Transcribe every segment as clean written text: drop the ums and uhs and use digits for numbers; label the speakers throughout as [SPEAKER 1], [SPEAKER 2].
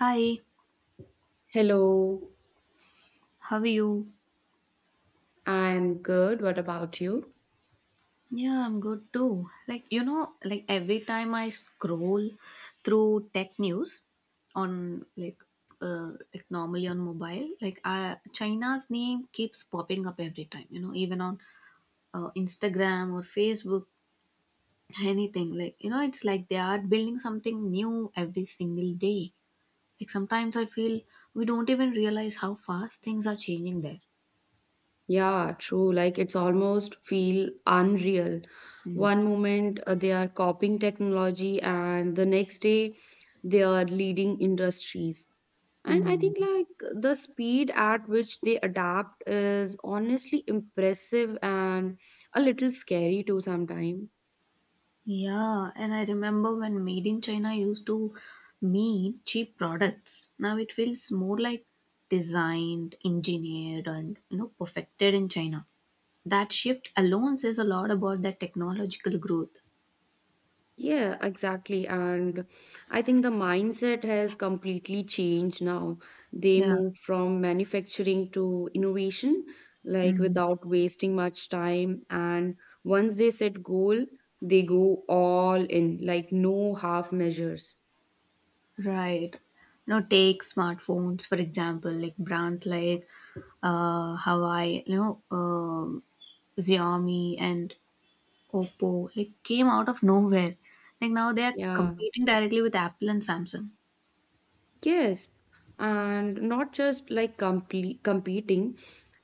[SPEAKER 1] Hi,
[SPEAKER 2] Hello,
[SPEAKER 1] how are you?
[SPEAKER 2] I'm good. What about you?
[SPEAKER 1] Yeah, I'm good too. Like every time I scroll through tech news on like normally on mobile, China's name keeps popping up every time, you know, even on Instagram or Facebook, anything. It's like they are building something new every single day. Like sometimes I feel we don't even realize how fast things are changing there.
[SPEAKER 2] Yeah, true. Like it's almost feel unreal.
[SPEAKER 1] Mm.
[SPEAKER 2] One moment they are copying technology and the next day they are leading industries. And I
[SPEAKER 1] Mm.
[SPEAKER 2] think like the speed at which they adapt is honestly impressive and a little scary too sometimes.
[SPEAKER 1] Yeah, and I remember when Made in China used to mean cheap products. Now it feels more like designed, engineered, and you know perfected in China. That shift alone says a lot about that technological growth.
[SPEAKER 2] Yeah, exactly. And I think the mindset has completely changed now. They
[SPEAKER 1] Yeah.
[SPEAKER 2] move from manufacturing to innovation, like
[SPEAKER 1] Mm.
[SPEAKER 2] without wasting much time. And once they set goal, they go all in, like no half measures.
[SPEAKER 1] Right. You know, take smartphones for example, like brands like Hawaii, Xiaomi and Oppo, like came out of nowhere. Like now they are
[SPEAKER 2] Yeah.
[SPEAKER 1] competing directly with Apple and Samsung.
[SPEAKER 2] Yes, and not just like complete competing,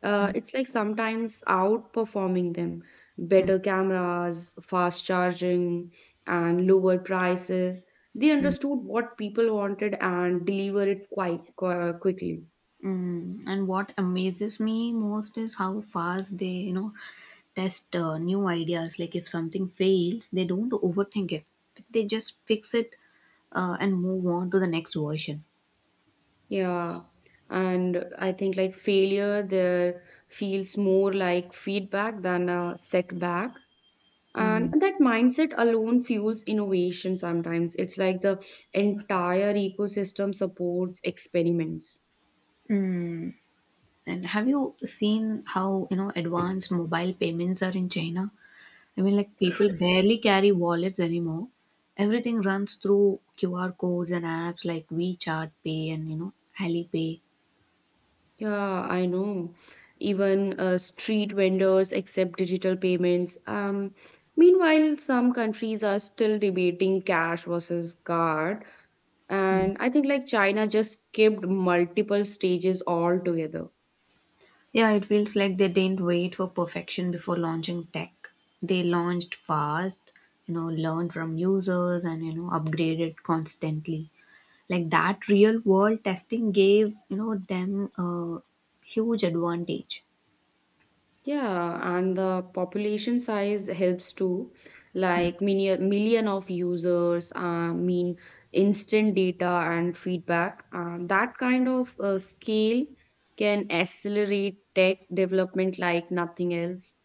[SPEAKER 2] it's like sometimes outperforming them.
[SPEAKER 1] Mm,
[SPEAKER 2] Better cameras, fast charging, and lower prices. They
[SPEAKER 1] mm,
[SPEAKER 2] understood what people wanted and deliver it quite quickly.
[SPEAKER 1] mm. And what amazes me most is how fast they, you know, test new ideas. Like if something fails, they don't overthink it. They just fix it and move on to the next version.
[SPEAKER 2] Yeah, and I think like failure there feels more like feedback than a setback. And that mindset alone fuels innovation. Sometimes it's like the entire ecosystem supports experiments.
[SPEAKER 1] Mm. And have you seen how, you know, advanced mobile payments are in China? I mean, like people barely carry wallets anymore. Everything runs through QR codes and apps like WeChat Pay and you know Alipay.
[SPEAKER 2] Yeah, I know. Even street vendors accept digital payments. Meanwhile, some countries are still debating cash versus card,
[SPEAKER 1] Mm.
[SPEAKER 2] and I think like China just skipped multiple stages altogether.
[SPEAKER 1] Yeah, it feels like they didn't wait for perfection before launching tech. They launched fast, you know, learned from users and you know upgraded constantly. Like that real world testing gave you know them a huge advantage.
[SPEAKER 2] Yeah, and the population size helps too. Like million of users, mean instant data and feedback. That kind of scale can accelerate tech development like nothing else.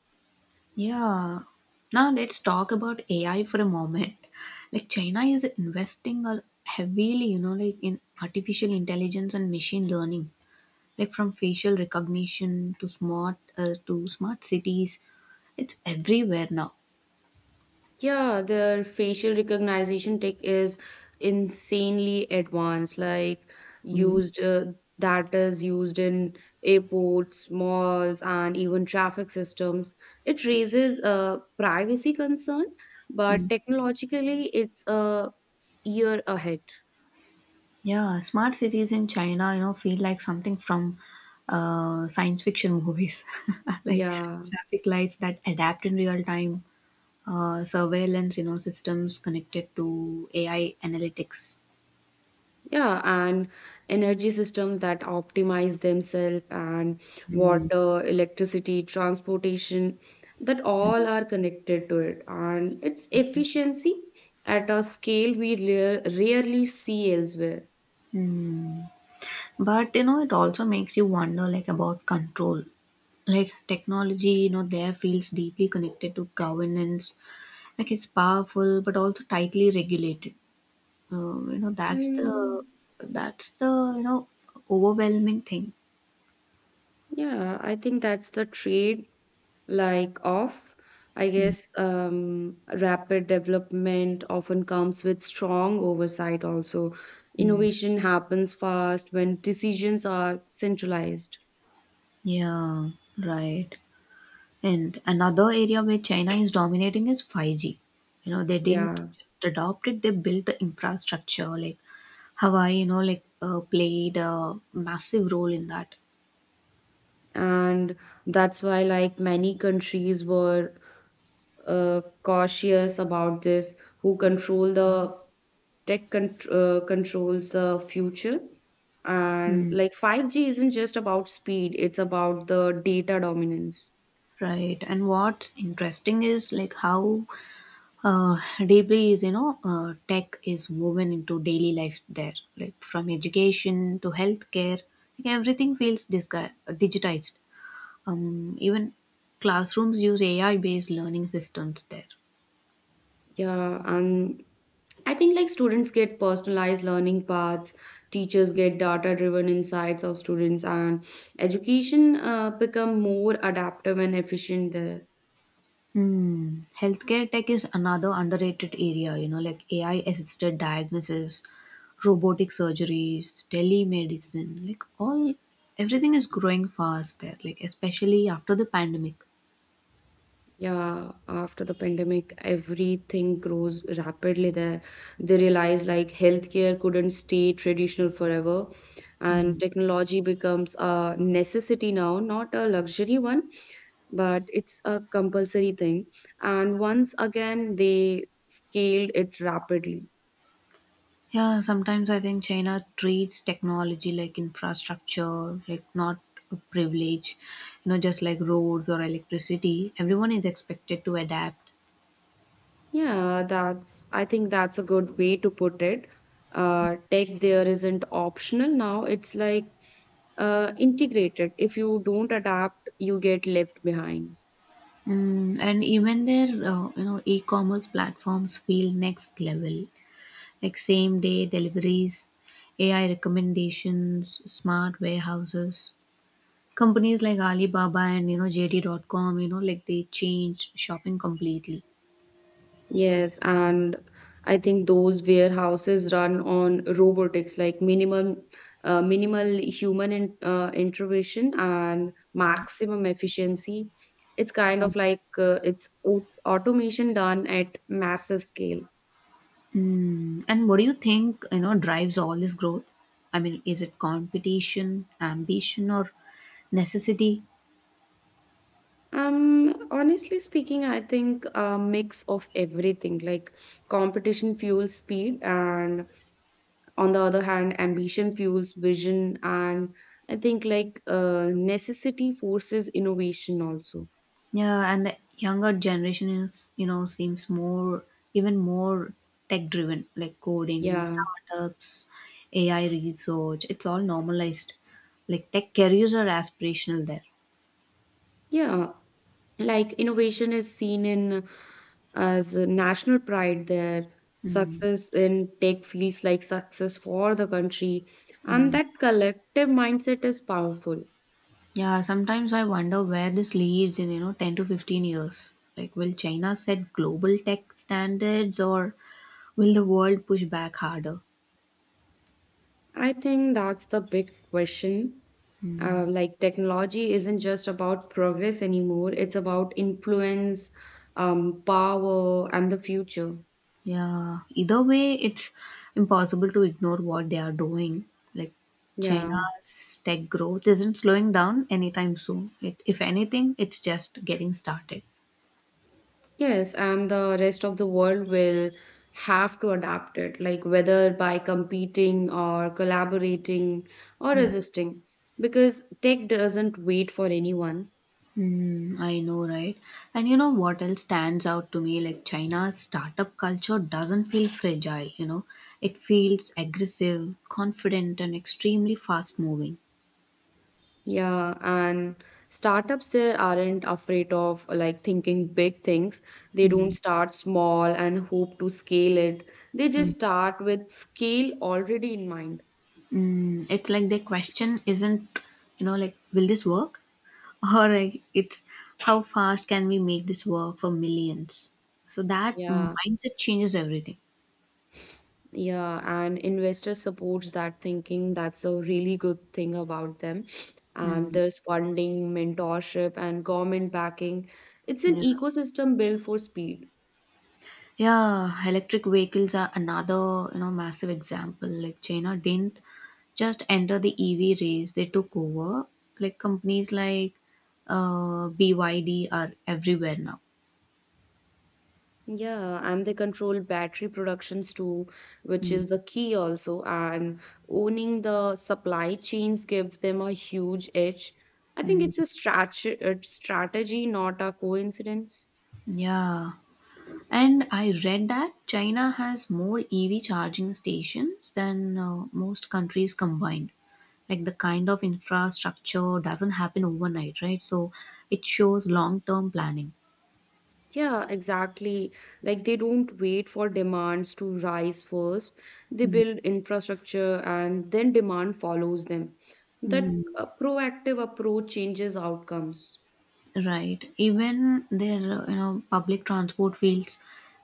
[SPEAKER 1] Yeah. Now let's talk about AI for a moment. Like China is investing heavily, you know, like in artificial intelligence and machine learning, like from facial recognition to smart cities. It's everywhere now.
[SPEAKER 2] Yeah, their facial recognition tech is insanely advanced, like
[SPEAKER 1] mm
[SPEAKER 2] used that is used in airports, malls, and even traffic systems. It raises a privacy concern, but
[SPEAKER 1] mm.
[SPEAKER 2] technologically, it's a year ahead.
[SPEAKER 1] Yeah, smart cities in China, you know, feel like something from science fiction movies, like
[SPEAKER 2] Yeah.
[SPEAKER 1] traffic lights that adapt in real time surveillance, you know, systems connected to AI analytics.
[SPEAKER 2] Yeah, and energy systems that optimize themselves and
[SPEAKER 1] Mm.
[SPEAKER 2] water, electricity, transportation, that
[SPEAKER 1] Yeah.
[SPEAKER 2] all are connected to it. And its efficiency at a scale we rarely see elsewhere.
[SPEAKER 1] Mm. But you know, it also makes you wonder, like about control. Like technology, you know, there feels deeply connected to governance. Like it's powerful, but also tightly regulated. You know,
[SPEAKER 2] Mm,
[SPEAKER 1] that's the you know overwhelming thing.
[SPEAKER 2] yeah, I think that's the trade like of i
[SPEAKER 1] Mm.
[SPEAKER 2] guess um, rapid development often comes with strong oversight. Also,
[SPEAKER 1] Mm.
[SPEAKER 2] innovation happens fast when decisions are centralized.
[SPEAKER 1] Yeah, right. And another area where China is dominating is 5G. You know, they didn't
[SPEAKER 2] Yeah,
[SPEAKER 1] just adopt it, they built the infrastructure. Like Hawaii, you know, like played a massive role in that.
[SPEAKER 2] and that's why like many countries were cautious about this. Who control the controls the future. And
[SPEAKER 1] Hmm.
[SPEAKER 2] like 5G isn't just about speed, it's about the data dominance.
[SPEAKER 1] Right. And what's interesting is how uh, deeply tech is woven into daily life there. Like from education to healthcare, like everything feels digitized. Even classrooms use AI based learning systems there.
[SPEAKER 2] Yeah, and I think like students get personalized learning paths, teachers get data driven insights of students, and education become more adaptive and efficient there.
[SPEAKER 1] Hmm. Healthcare tech is another underrated area, you know, like AI assisted diagnosis, robotic surgeries, telemedicine, like all everything is growing fast there, like especially after the pandemic.
[SPEAKER 2] Yeah, after the pandemic, everything grows rapidly there. They realize like healthcare couldn't stay traditional forever,
[SPEAKER 1] Hmm.
[SPEAKER 2] and technology becomes a necessity now, not a luxury one, but it's a compulsory thing. And once again, they scaled it rapidly.
[SPEAKER 1] Yeah, sometimes I think China treats technology like infrastructure, like not a privilege, you know, just like roads or electricity. Everyone is expected to adapt.
[SPEAKER 2] Yeah, that's, I think that's a good way to put it. Tech there isn't optional now. It's like integrated. If you don't adapt, you get left behind.
[SPEAKER 1] Mm, and even their e-commerce platforms feel next level like same day deliveries, AI recommendations, smart warehouses. Companies like Alibaba and you know JD.com, you know, like they changed shopping completely.
[SPEAKER 2] Yes, and I think those warehouses run on robotics, like minimum, minimal intervention and maximum efficiency. It's kind of like it's automation done at massive scale.
[SPEAKER 1] Hmm. And what do you think, you know, drives all this growth? I mean, is it competition, ambition, or necessity?
[SPEAKER 2] Honestly speaking, I think a mix of everything. Like competition fuels speed, and on the other hand, ambition fuels vision, and I think like necessity forces innovation also.
[SPEAKER 1] Yeah, and the younger generation is, you know, seems even more tech driven, like coding,
[SPEAKER 2] Yeah,
[SPEAKER 1] startups, AI research. It's all normalized. Like tech careers are aspirational there.
[SPEAKER 2] yeah. Like innovation is seen in as a national pride there. Success in tech feels like success for the country, and that collective mindset is powerful.
[SPEAKER 1] Yeah, sometimes I wonder where this leads in, you know, 10 to 15 years. Like, will China set global tech standards or will the world push back harder?
[SPEAKER 2] I think that's the big question. Like, technology isn't just about progress anymore, it's about influence, power, and the future.
[SPEAKER 1] Yeah, either way, it's impossible to ignore what they are doing. Like
[SPEAKER 2] Yeah.
[SPEAKER 1] China's tech growth isn't slowing down anytime soon. If anything, it's just getting started.
[SPEAKER 2] Yes, and the rest of the world will have to adapt it, like whether by competing or collaborating or
[SPEAKER 1] Yeah.
[SPEAKER 2] resisting, because tech doesn't wait for anyone.
[SPEAKER 1] Mm, I know, right? And you know what else stands out to me? Like China's startup culture doesn't feel fragile, you know, it feels aggressive, confident, and extremely fast moving.
[SPEAKER 2] Yeah, and startups there aren't afraid of like thinking big things. They don't
[SPEAKER 1] Mm,
[SPEAKER 2] start small and hope to scale it. They
[SPEAKER 1] mm,
[SPEAKER 2] just start with scale already in mind.
[SPEAKER 1] mm. It's like the question isn't, you know, like, will this work? Or it's how fast can we make this work for millions? So that
[SPEAKER 2] Yeah,
[SPEAKER 1] mindset changes everything.
[SPEAKER 2] yeah, and investor supports that thinking. That's a really good thing about them. And
[SPEAKER 1] Mm,
[SPEAKER 2] there's funding, mentorship, and government backing. It's an
[SPEAKER 1] yeah.
[SPEAKER 2] ecosystem built for speed.
[SPEAKER 1] Yeah, electric vehicles are another, you know, massive example. Like China didn't just enter the EV race, they took over. Like companies like BYD are everywhere now.
[SPEAKER 2] Yeah, and they control battery productions too, which
[SPEAKER 1] Mm,
[SPEAKER 2] is the key also. And owning the supply chains gives them a huge edge. I think
[SPEAKER 1] mm,
[SPEAKER 2] it's a strat a strategy, not a coincidence.
[SPEAKER 1] yeah. And I read that China has more EV charging stations than most countries combined. Like the kind of infrastructure doesn't happen overnight, right? So it shows long term planning.
[SPEAKER 2] Yeah, exactly. Like they don't wait for demands to rise first. They
[SPEAKER 1] Mm.
[SPEAKER 2] build infrastructure and then demand follows them. That
[SPEAKER 1] Mm.
[SPEAKER 2] proactive approach changes outcomes.
[SPEAKER 1] Right. Even their, you know, public transport feels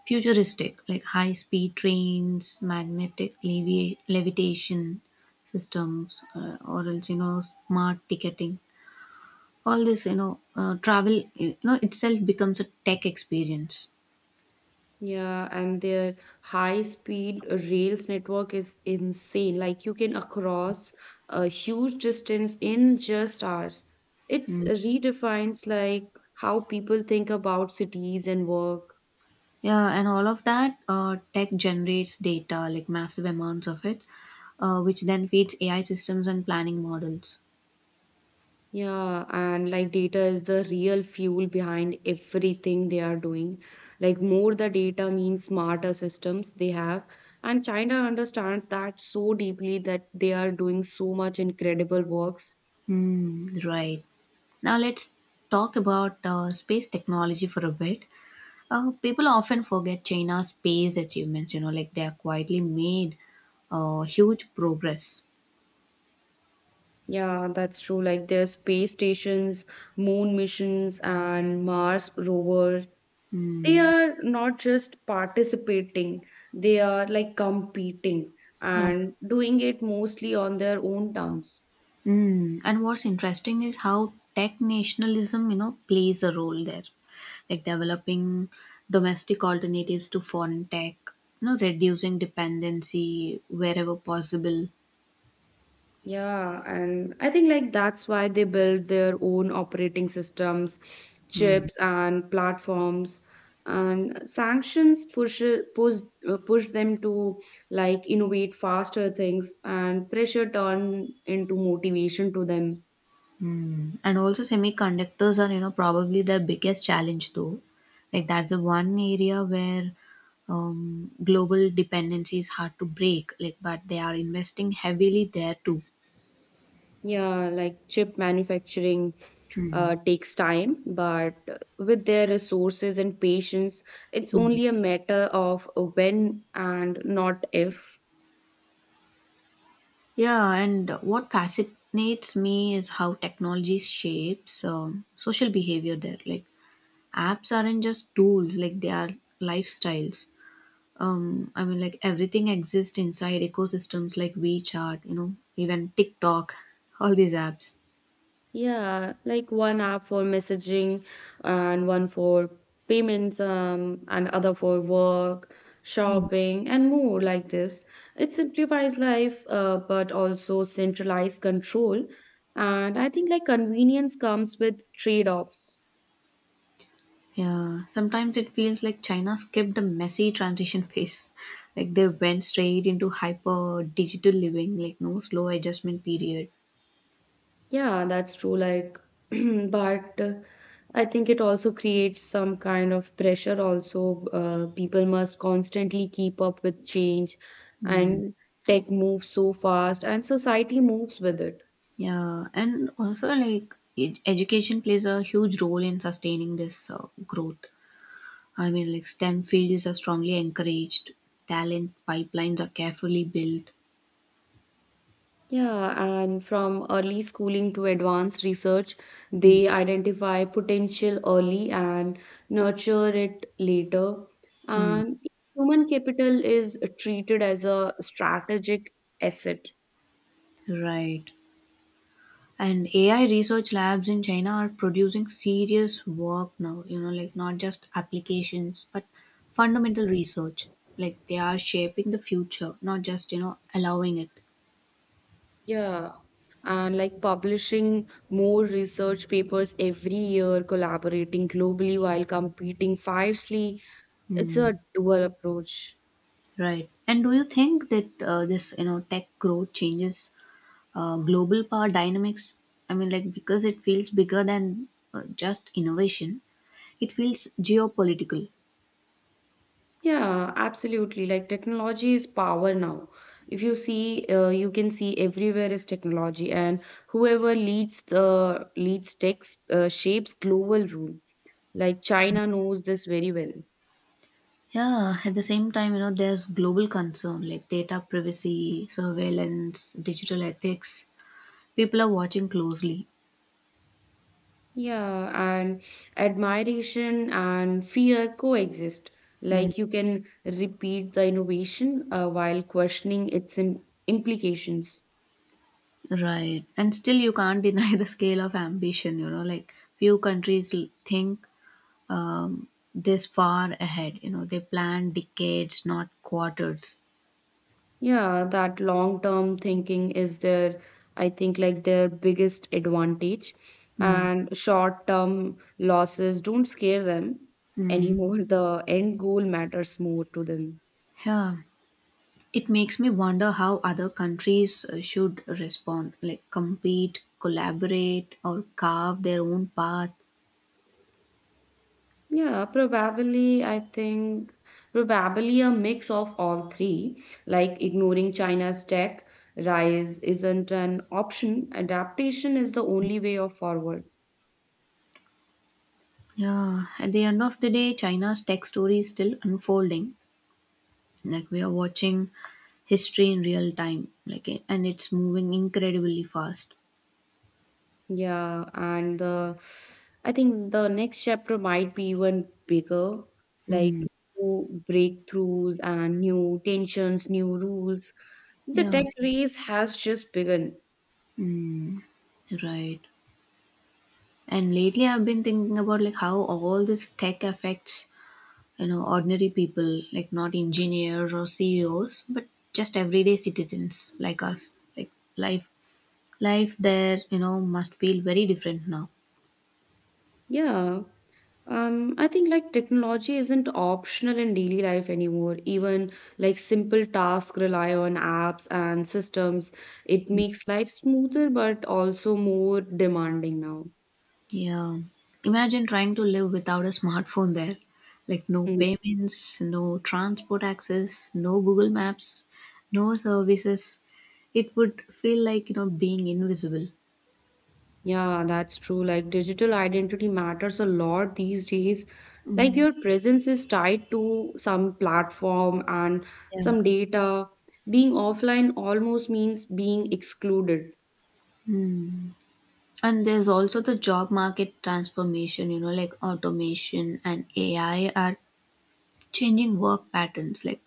[SPEAKER 1] futuristic, like high speed trains, magnetic levitation systems, or else, you know, smart ticketing. All this you know travel you know itself becomes a tech experience.
[SPEAKER 2] Yeah, and their high-speed rails network is insane. Like you can across a huge distance in just hours. It's
[SPEAKER 1] Mm.
[SPEAKER 2] redefines like how people think about cities and work.
[SPEAKER 1] Yeah, and all of that tech generates data like massive amounts of it, which then feeds AI systems and planning models.
[SPEAKER 2] Yeah, and like data is the real fuel behind everything they are doing. Like more the data means smarter systems they have. And China understands that so deeply that they are doing so much incredible works.
[SPEAKER 1] Mm. Right. Now let's talk about space technology for a bit. People often forget China's space achievements, you know, like they are quietly made huge progress.
[SPEAKER 2] Yeah, that's true. Like their space stations, moon missions, and Mars rover,
[SPEAKER 1] Mm.
[SPEAKER 2] they are not just participating, they are like competing
[SPEAKER 1] Yeah.
[SPEAKER 2] and doing it mostly on their own terms.
[SPEAKER 1] Mm. And what's interesting is how tech nationalism, you know, plays a role there, like developing domestic alternatives to foreign tech, you know, reducing dependency wherever possible.
[SPEAKER 2] Yeah, and I think like that's why they build their own operating systems, chips and platforms, and sanctions push push them to like innovate faster things and pressure turn into motivation to them.
[SPEAKER 1] Mm. And also, semiconductors are, you know, probably their biggest challenge, though. Like, that's the one area where global dependency is hard to break, like, but they are investing heavily there, too.
[SPEAKER 2] Yeah, like chip manufacturing
[SPEAKER 1] Mm.
[SPEAKER 2] takes time, but with their resources and patience, it's only a matter of when and not if.
[SPEAKER 1] Yeah, and what fascinates me is how technology shapes social behavior there. Like apps aren't just tools, like they are lifestyles. I mean, like everything exists inside ecosystems like WeChat, you know, even TikTok, all these apps.
[SPEAKER 2] Yeah, like one app for messaging and one for payments and other for work,
[SPEAKER 1] Hmm.
[SPEAKER 2] shopping and more like this. It simplifies life but also centralized control. And I think like convenience comes with trade-offs.
[SPEAKER 1] Yeah, sometimes it feels like China skipped the messy transition phase. Like they went straight into hyper digital living, like no slow adjustment period.
[SPEAKER 2] Yeah, that's true. Like, but I think it also creates some kind of pressure. Also, people must constantly keep up with change, and tech moves so fast, and society moves with it.
[SPEAKER 1] Yeah, and also like education plays a huge role in sustaining this growth. I mean, like STEM fields are strongly encouraged, talent pipelines are carefully built.
[SPEAKER 2] Yeah, and from early schooling to advanced research, they identify potential early and nurture it later.
[SPEAKER 1] Hmm.
[SPEAKER 2] And human capital is treated as a strategic asset.
[SPEAKER 1] Right. And AI research labs in China are producing serious work now, you know, like not just applications, but fundamental research. Like they are shaping the future, not just, you know, allowing it.
[SPEAKER 2] Yeah, and like publishing more research papers every year, collaborating globally while competing fiercely. It's a dual approach.
[SPEAKER 1] Right. And do you think that this, you know, tech growth changes global power dynamics? I mean, like, because it feels bigger than just innovation, it feels geopolitical.
[SPEAKER 2] Yeah, absolutely. Like technology is power now. If you see, you can see everywhere is technology, and whoever leads tech shapes global rule. Like China knows this very well.
[SPEAKER 1] Yeah, at the same time, you know, there's global concern like data privacy, surveillance, digital ethics. People are watching closely.
[SPEAKER 2] Yeah, and admiration and fear coexist.
[SPEAKER 1] Mm.
[SPEAKER 2] Like you can repeat the innovation while questioning its im implications.
[SPEAKER 1] Right. And still, you can't deny the scale of ambition, you know, like few countries think um, this far ahead. You know, they plan decades, not quarters.
[SPEAKER 2] Yeah, that long-term thinking is their, I think, like their biggest advantage.
[SPEAKER 1] Mm.
[SPEAKER 2] And short-term losses don't scare them
[SPEAKER 1] Mm.
[SPEAKER 2] anymore. The end goal matters more to them.
[SPEAKER 1] Yeah. It makes me wonder how other countries should respond, like compete, collaborate, or carve their own path.
[SPEAKER 2] Yeah, probably, I think, probably a mix of all three, like ignoring China's tech rise isn't an option. Adaptation is the only way of forward.
[SPEAKER 1] Yeah. At the end of the day, China's tech story is still unfolding. Like we are watching history in real time, like and it's moving incredibly fast.
[SPEAKER 2] Yeah, and the, I think the next chapter might be even bigger, like
[SPEAKER 1] Hmm.
[SPEAKER 2] new breakthroughs and new tensions, new rules. The
[SPEAKER 1] Yeah.
[SPEAKER 2] tech race has just begun.
[SPEAKER 1] Right. And lately, I've been thinking about like how all this tech affects you know ordinary people, like not engineers or CEOs, but just everyday citizens like us. Like life, life there you know must feel very different now.
[SPEAKER 2] Yeah. I think like technology isn't optional in daily life anymore. Even like simple tasks rely on apps and systems. It makes life smoother but also more demanding now.
[SPEAKER 1] Yeah, imagine trying to live without a smartphone there. Like no
[SPEAKER 2] Mm.
[SPEAKER 1] payments, no transport access, no Google Maps, no services. It would feel like you know being invisible.
[SPEAKER 2] Yeah, that's true. Like digital identity matters a lot these days. Like your presence is tied to some platform and
[SPEAKER 1] Yeah.
[SPEAKER 2] some data. Being offline almost means being excluded.
[SPEAKER 1] And there's also the job market transformation, you know, like automation and AI are changing work patterns. Like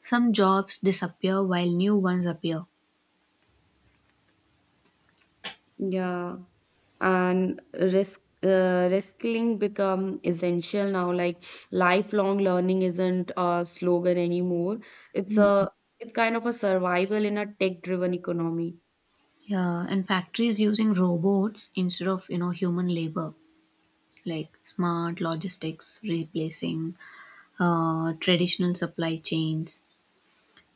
[SPEAKER 1] some jobs disappear while new ones appear.
[SPEAKER 2] Yeah. And risk reskilling become essential now. Like lifelong learning isn't a slogan anymore, it's
[SPEAKER 1] Mm.
[SPEAKER 2] a, it's kind of a survival in a tech driven economy.
[SPEAKER 1] Yeah, and factories using robots instead of, you know, human labor, like smart logistics replacing traditional supply chains.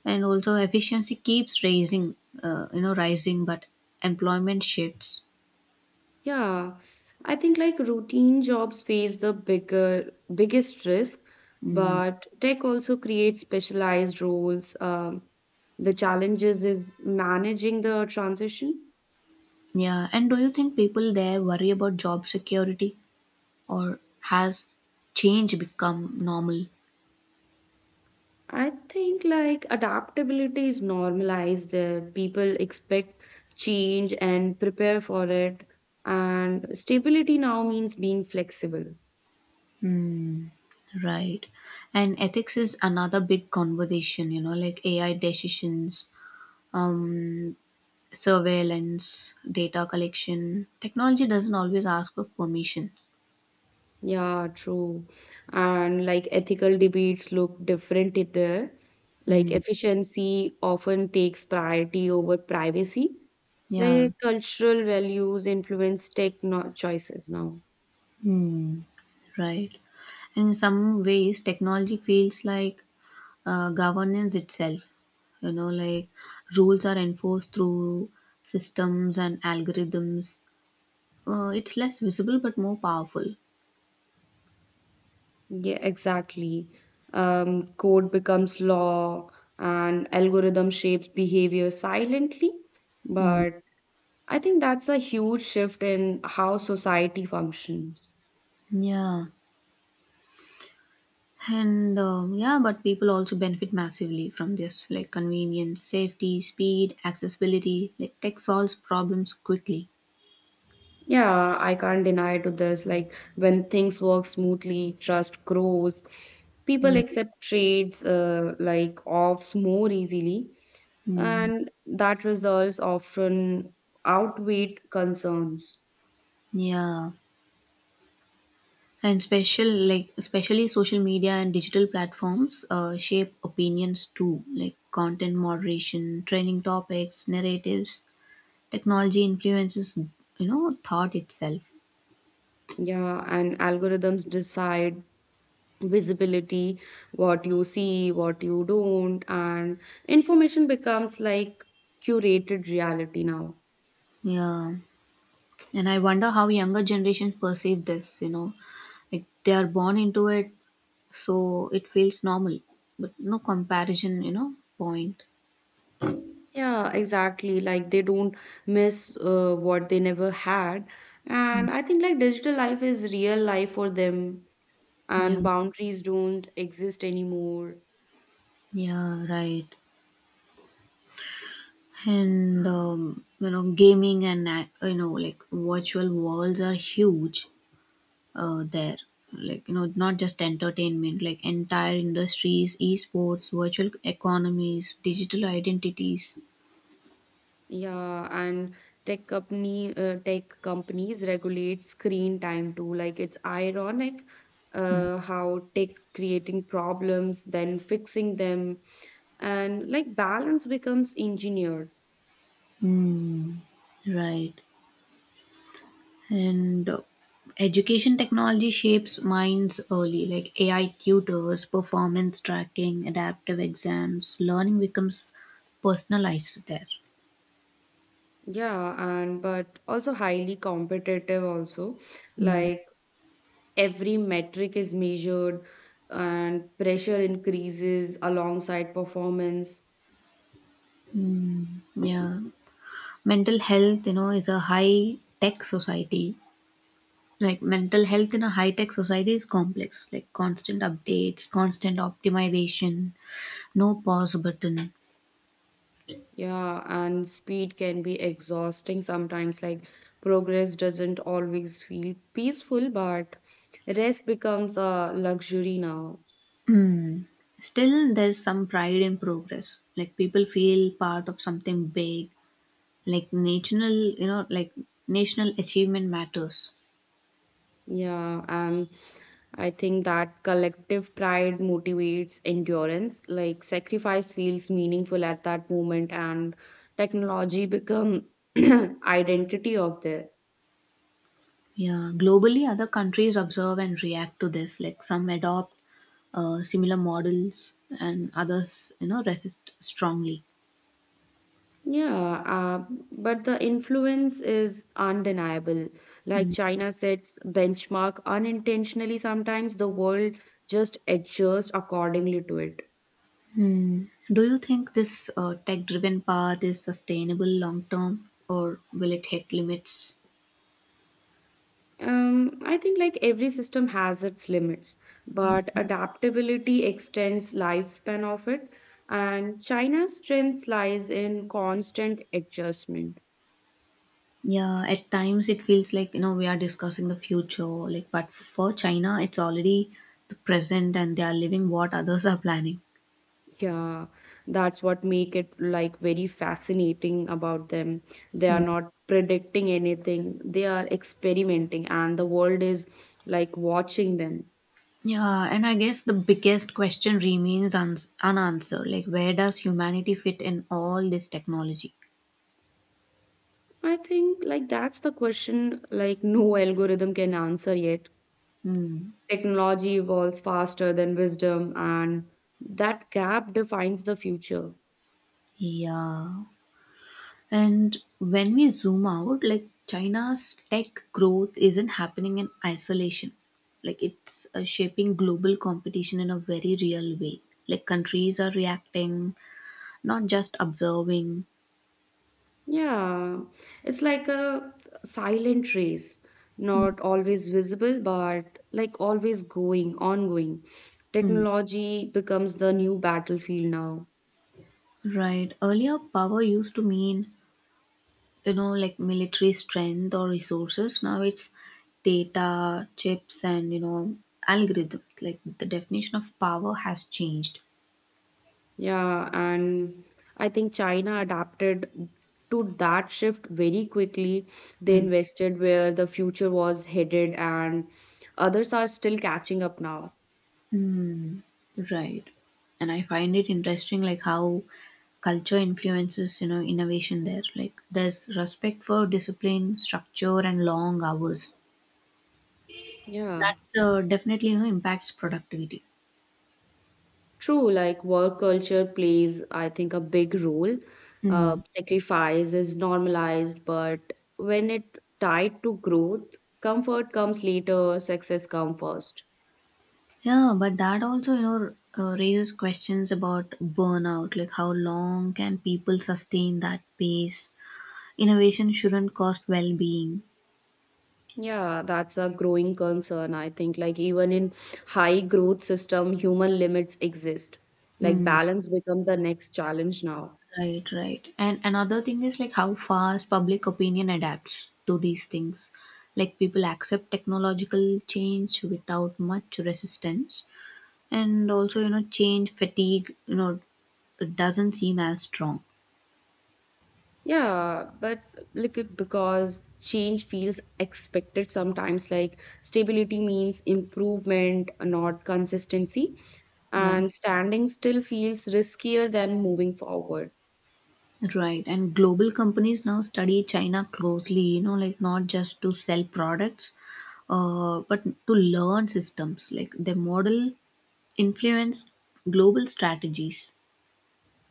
[SPEAKER 1] And also efficiency keeps rising, but employment shifts.
[SPEAKER 2] Yeah, I think like routine jobs face the bigger biggest risk,
[SPEAKER 1] Hmm.
[SPEAKER 2] but tech also creates specialized roles. The challenges is managing the transition.
[SPEAKER 1] Yeah, and do you think people there worry about job security or has change become normal?
[SPEAKER 2] I think like adaptability is normalized there. People expect change and prepare for it. And stability now means being flexible.
[SPEAKER 1] Hmm, right. And ethics is another big conversation, you know, like AI decisions, um, surveillance, data collection. Technology doesn't always ask for permission.
[SPEAKER 2] Yeah, true. And like ethical debates look different it there. Like
[SPEAKER 1] Hmm,
[SPEAKER 2] efficiency often takes priority over privacy.
[SPEAKER 1] yeah,
[SPEAKER 2] Like cultural values influence tech no choices now.
[SPEAKER 1] hmm, right. And in some ways, technology feels like governance itself. You know, like rules are enforced through systems and algorithms. It's less visible but more powerful.
[SPEAKER 2] Yeah, exactly. Code becomes law and algorithm shapes behavior silently,
[SPEAKER 1] Mm.
[SPEAKER 2] but I think that's a huge shift in how society functions.
[SPEAKER 1] Yeah. And yeah, but people also benefit massively from this, like convenience, safety, speed, accessibility. Like tech solves problems quickly.
[SPEAKER 2] Yeah, I can't deny to this. Like when things work smoothly, trust grows. People
[SPEAKER 1] Mm.
[SPEAKER 2] accept trades like offs more easily,
[SPEAKER 1] Mm.
[SPEAKER 2] and that results often outweigh concerns.
[SPEAKER 1] Yeah. And special, like especially social media and digital platforms, shape opinions too, like content moderation, training topics, narratives. Technology influences, you know, thought itself.
[SPEAKER 2] Yeah, and algorithms decide visibility, what you see, what you don't, and information becomes like curated reality now.
[SPEAKER 1] Yeah, and I wonder how younger generations perceive this. You know, like they are born into it, so it feels normal, but no comparison, you know, point.
[SPEAKER 2] Yeah, exactly. Like they don't miss what they never had. And I think like digital life is real life for them,
[SPEAKER 1] Yeah,
[SPEAKER 2] and boundaries don't exist anymore.
[SPEAKER 1] yeah, right. And you know, gaming and you know like virtual worlds are huge there, like you know not just entertainment, like entire industries, esports, virtual economies, digital identities.
[SPEAKER 2] Yeah, and tech companies regulate screen time too. Like it's ironic how tech creating problems, then fixing them, and like balance becomes engineered.
[SPEAKER 1] mm, right. And education technology shapes minds early, like AI tutors, performance tracking, adaptive exams, learning becomes personalized there.
[SPEAKER 2] Yeah, and but also highly competitive also.
[SPEAKER 1] Mm,
[SPEAKER 2] Like every metric is measured and pressure increases alongside performance.
[SPEAKER 1] yeah. Mental health you know is a high tech society like Mental health in a high tech society is complex, like constant updates, constant optimization, no pause button.
[SPEAKER 2] Yeah, and speed can be exhausting sometimes. Like progress doesn't always feel peaceful, but rest becomes a luxury now.
[SPEAKER 1] Hmm. Still there's some pride in progress, like people feel part of something big, like national achievement matters.
[SPEAKER 2] Yeah, and I think that collective pride motivates endurance. Like sacrifice feels meaningful at that moment, and technology become identity of this.
[SPEAKER 1] Yeah, globally other countries observe and react to this, like some adopt similar models and others you know resist strongly.
[SPEAKER 2] Yeah, but the influence is undeniable. Like China sets benchmark unintentionally, sometimes the world just adjusts accordingly to it.
[SPEAKER 1] Hmm. Do you think this tech driven path is sustainable long term or will it hit limits?
[SPEAKER 2] I think like every system has its limits, but adaptability extends lifespan of it, and China's strength lies in constant adjustment.
[SPEAKER 1] Yeah, at times it feels like you know we are discussing the future, like but for China it's already the present and they are living what others are planning.
[SPEAKER 2] Yeah, that's what make it like very fascinating about them. They are
[SPEAKER 1] Hmm.
[SPEAKER 2] not predicting anything. They are experimenting and the world is like watching them.
[SPEAKER 1] Yeah, and I guess the biggest question remains uns unanswered, like where does humanity fit in all this technology?
[SPEAKER 2] I think like that's the question like no algorithm can answer yet.
[SPEAKER 1] Hmm.
[SPEAKER 2] Technology evolves faster than wisdom and that gap defines the future.
[SPEAKER 1] Yeah. And when we zoom out, like China's tech growth isn't happening in isolation. Like it's shaping global competition in a very real way. Like countries are reacting, not just observing.
[SPEAKER 2] Yeah, it's like a silent race, not always visible, but like ongoing.
[SPEAKER 1] Mm.
[SPEAKER 2] Technology becomes the new battlefield now.
[SPEAKER 1] Right. Earlier, power used to mean, you know, like military strength or resources. Now it's data, chips, and, you know, algorithms. Like the definition of power has changed.
[SPEAKER 2] Yeah, and I think China adapted to that shift very quickly. They
[SPEAKER 1] Mm.
[SPEAKER 2] invested where the future was headed, and others are still catching up now.
[SPEAKER 1] Right. And I find it interesting, like how culture influences, you know, innovation there. Like there's respect for discipline, structure, and long hours.
[SPEAKER 2] Yeah.
[SPEAKER 1] That's definitely, you know, impacts productivity.
[SPEAKER 2] True, like work culture plays, I think, a big role.
[SPEAKER 1] Mm.
[SPEAKER 2] Sacrifice is normalized, but when it tied to growth, comfort comes later, success comes first.
[SPEAKER 1] Yeah, but that also, you know, raises questions about burnout. Like how long can people sustain that pace? Innovation shouldn't cost well-being.
[SPEAKER 2] Yeah, that's a growing concern. I think, like even in high growth system, human limits exist. Like
[SPEAKER 1] Hmm.
[SPEAKER 2] balance become the next challenge now.
[SPEAKER 1] Right. And another thing is like how fast public opinion adapts to these things. Like people accept technological change without much resistance. And also, you know, change fatigue, you know, it doesn't seem as strong.
[SPEAKER 2] Yeah, but like it because change feels expected sometimes, like stability means improvement, not consistency,
[SPEAKER 1] Yeah.
[SPEAKER 2] and standing still feels riskier than moving forward.
[SPEAKER 1] Right. And global companies now study China closely, you know, like not just to sell products, but to learn systems. Like their model influence global strategies.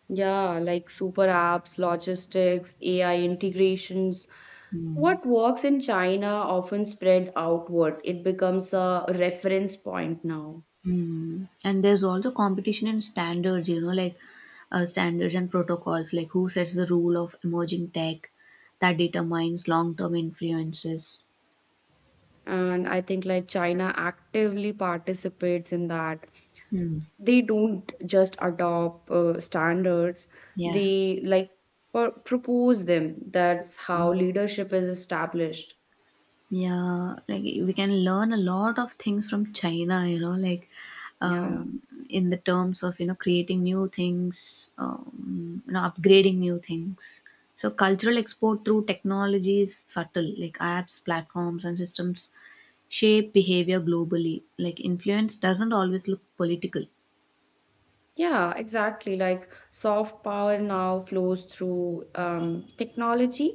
[SPEAKER 2] Yeah, like super apps, logistics, AI integrations.
[SPEAKER 1] Hmm.
[SPEAKER 2] What works in China often spread outward. It becomes a reference point now.
[SPEAKER 1] Mm. And there's also competition and standards, you know, like standards and protocols, like who sets the rule of emerging tech that determines long term influences.
[SPEAKER 2] And I think like China actively participates in that.
[SPEAKER 1] Hmm.
[SPEAKER 2] They don't just adopt standards,
[SPEAKER 1] Yeah.
[SPEAKER 2] they like propose them. That's how leadership is established.
[SPEAKER 1] Yeah. Like we can learn a lot of things from China, you know, like
[SPEAKER 2] Yeah,
[SPEAKER 1] um, in the terms of, you know, creating new things, you know, upgrading new things. So cultural export through technology is subtle, like apps, platforms, and systems shape behavior globally. Like influence doesn't always look political.
[SPEAKER 2] yeah, exactly. Like soft power now flows through technology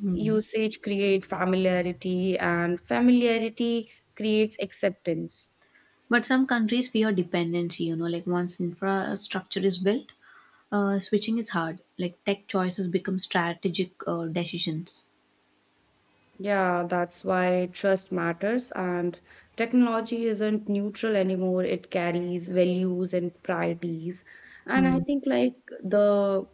[SPEAKER 1] Hmm.
[SPEAKER 2] usage create familiarity and familiarity creates acceptance.
[SPEAKER 1] But some countries fear dependency, you know, like once infrastructure is built, switching is hard. Like tech choices become strategic decisions.
[SPEAKER 2] Yeah, that's why trust matters, and technology isn't neutral anymore. It carries values and priorities. And I
[SPEAKER 1] Hmm.
[SPEAKER 2] think, like, the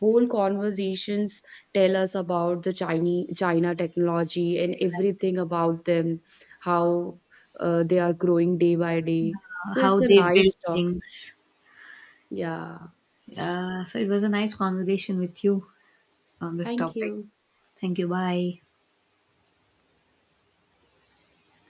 [SPEAKER 2] whole conversations tell us about the Chinese China technology and everything about them, how they are growing day by day. So
[SPEAKER 1] how
[SPEAKER 2] it's a
[SPEAKER 1] they build
[SPEAKER 2] nice talk.
[SPEAKER 1] things.
[SPEAKER 2] Yeah.
[SPEAKER 1] So it was a nice conversation with you on this
[SPEAKER 2] Thank
[SPEAKER 1] topic.
[SPEAKER 2] you.
[SPEAKER 1] Thank you. Bye.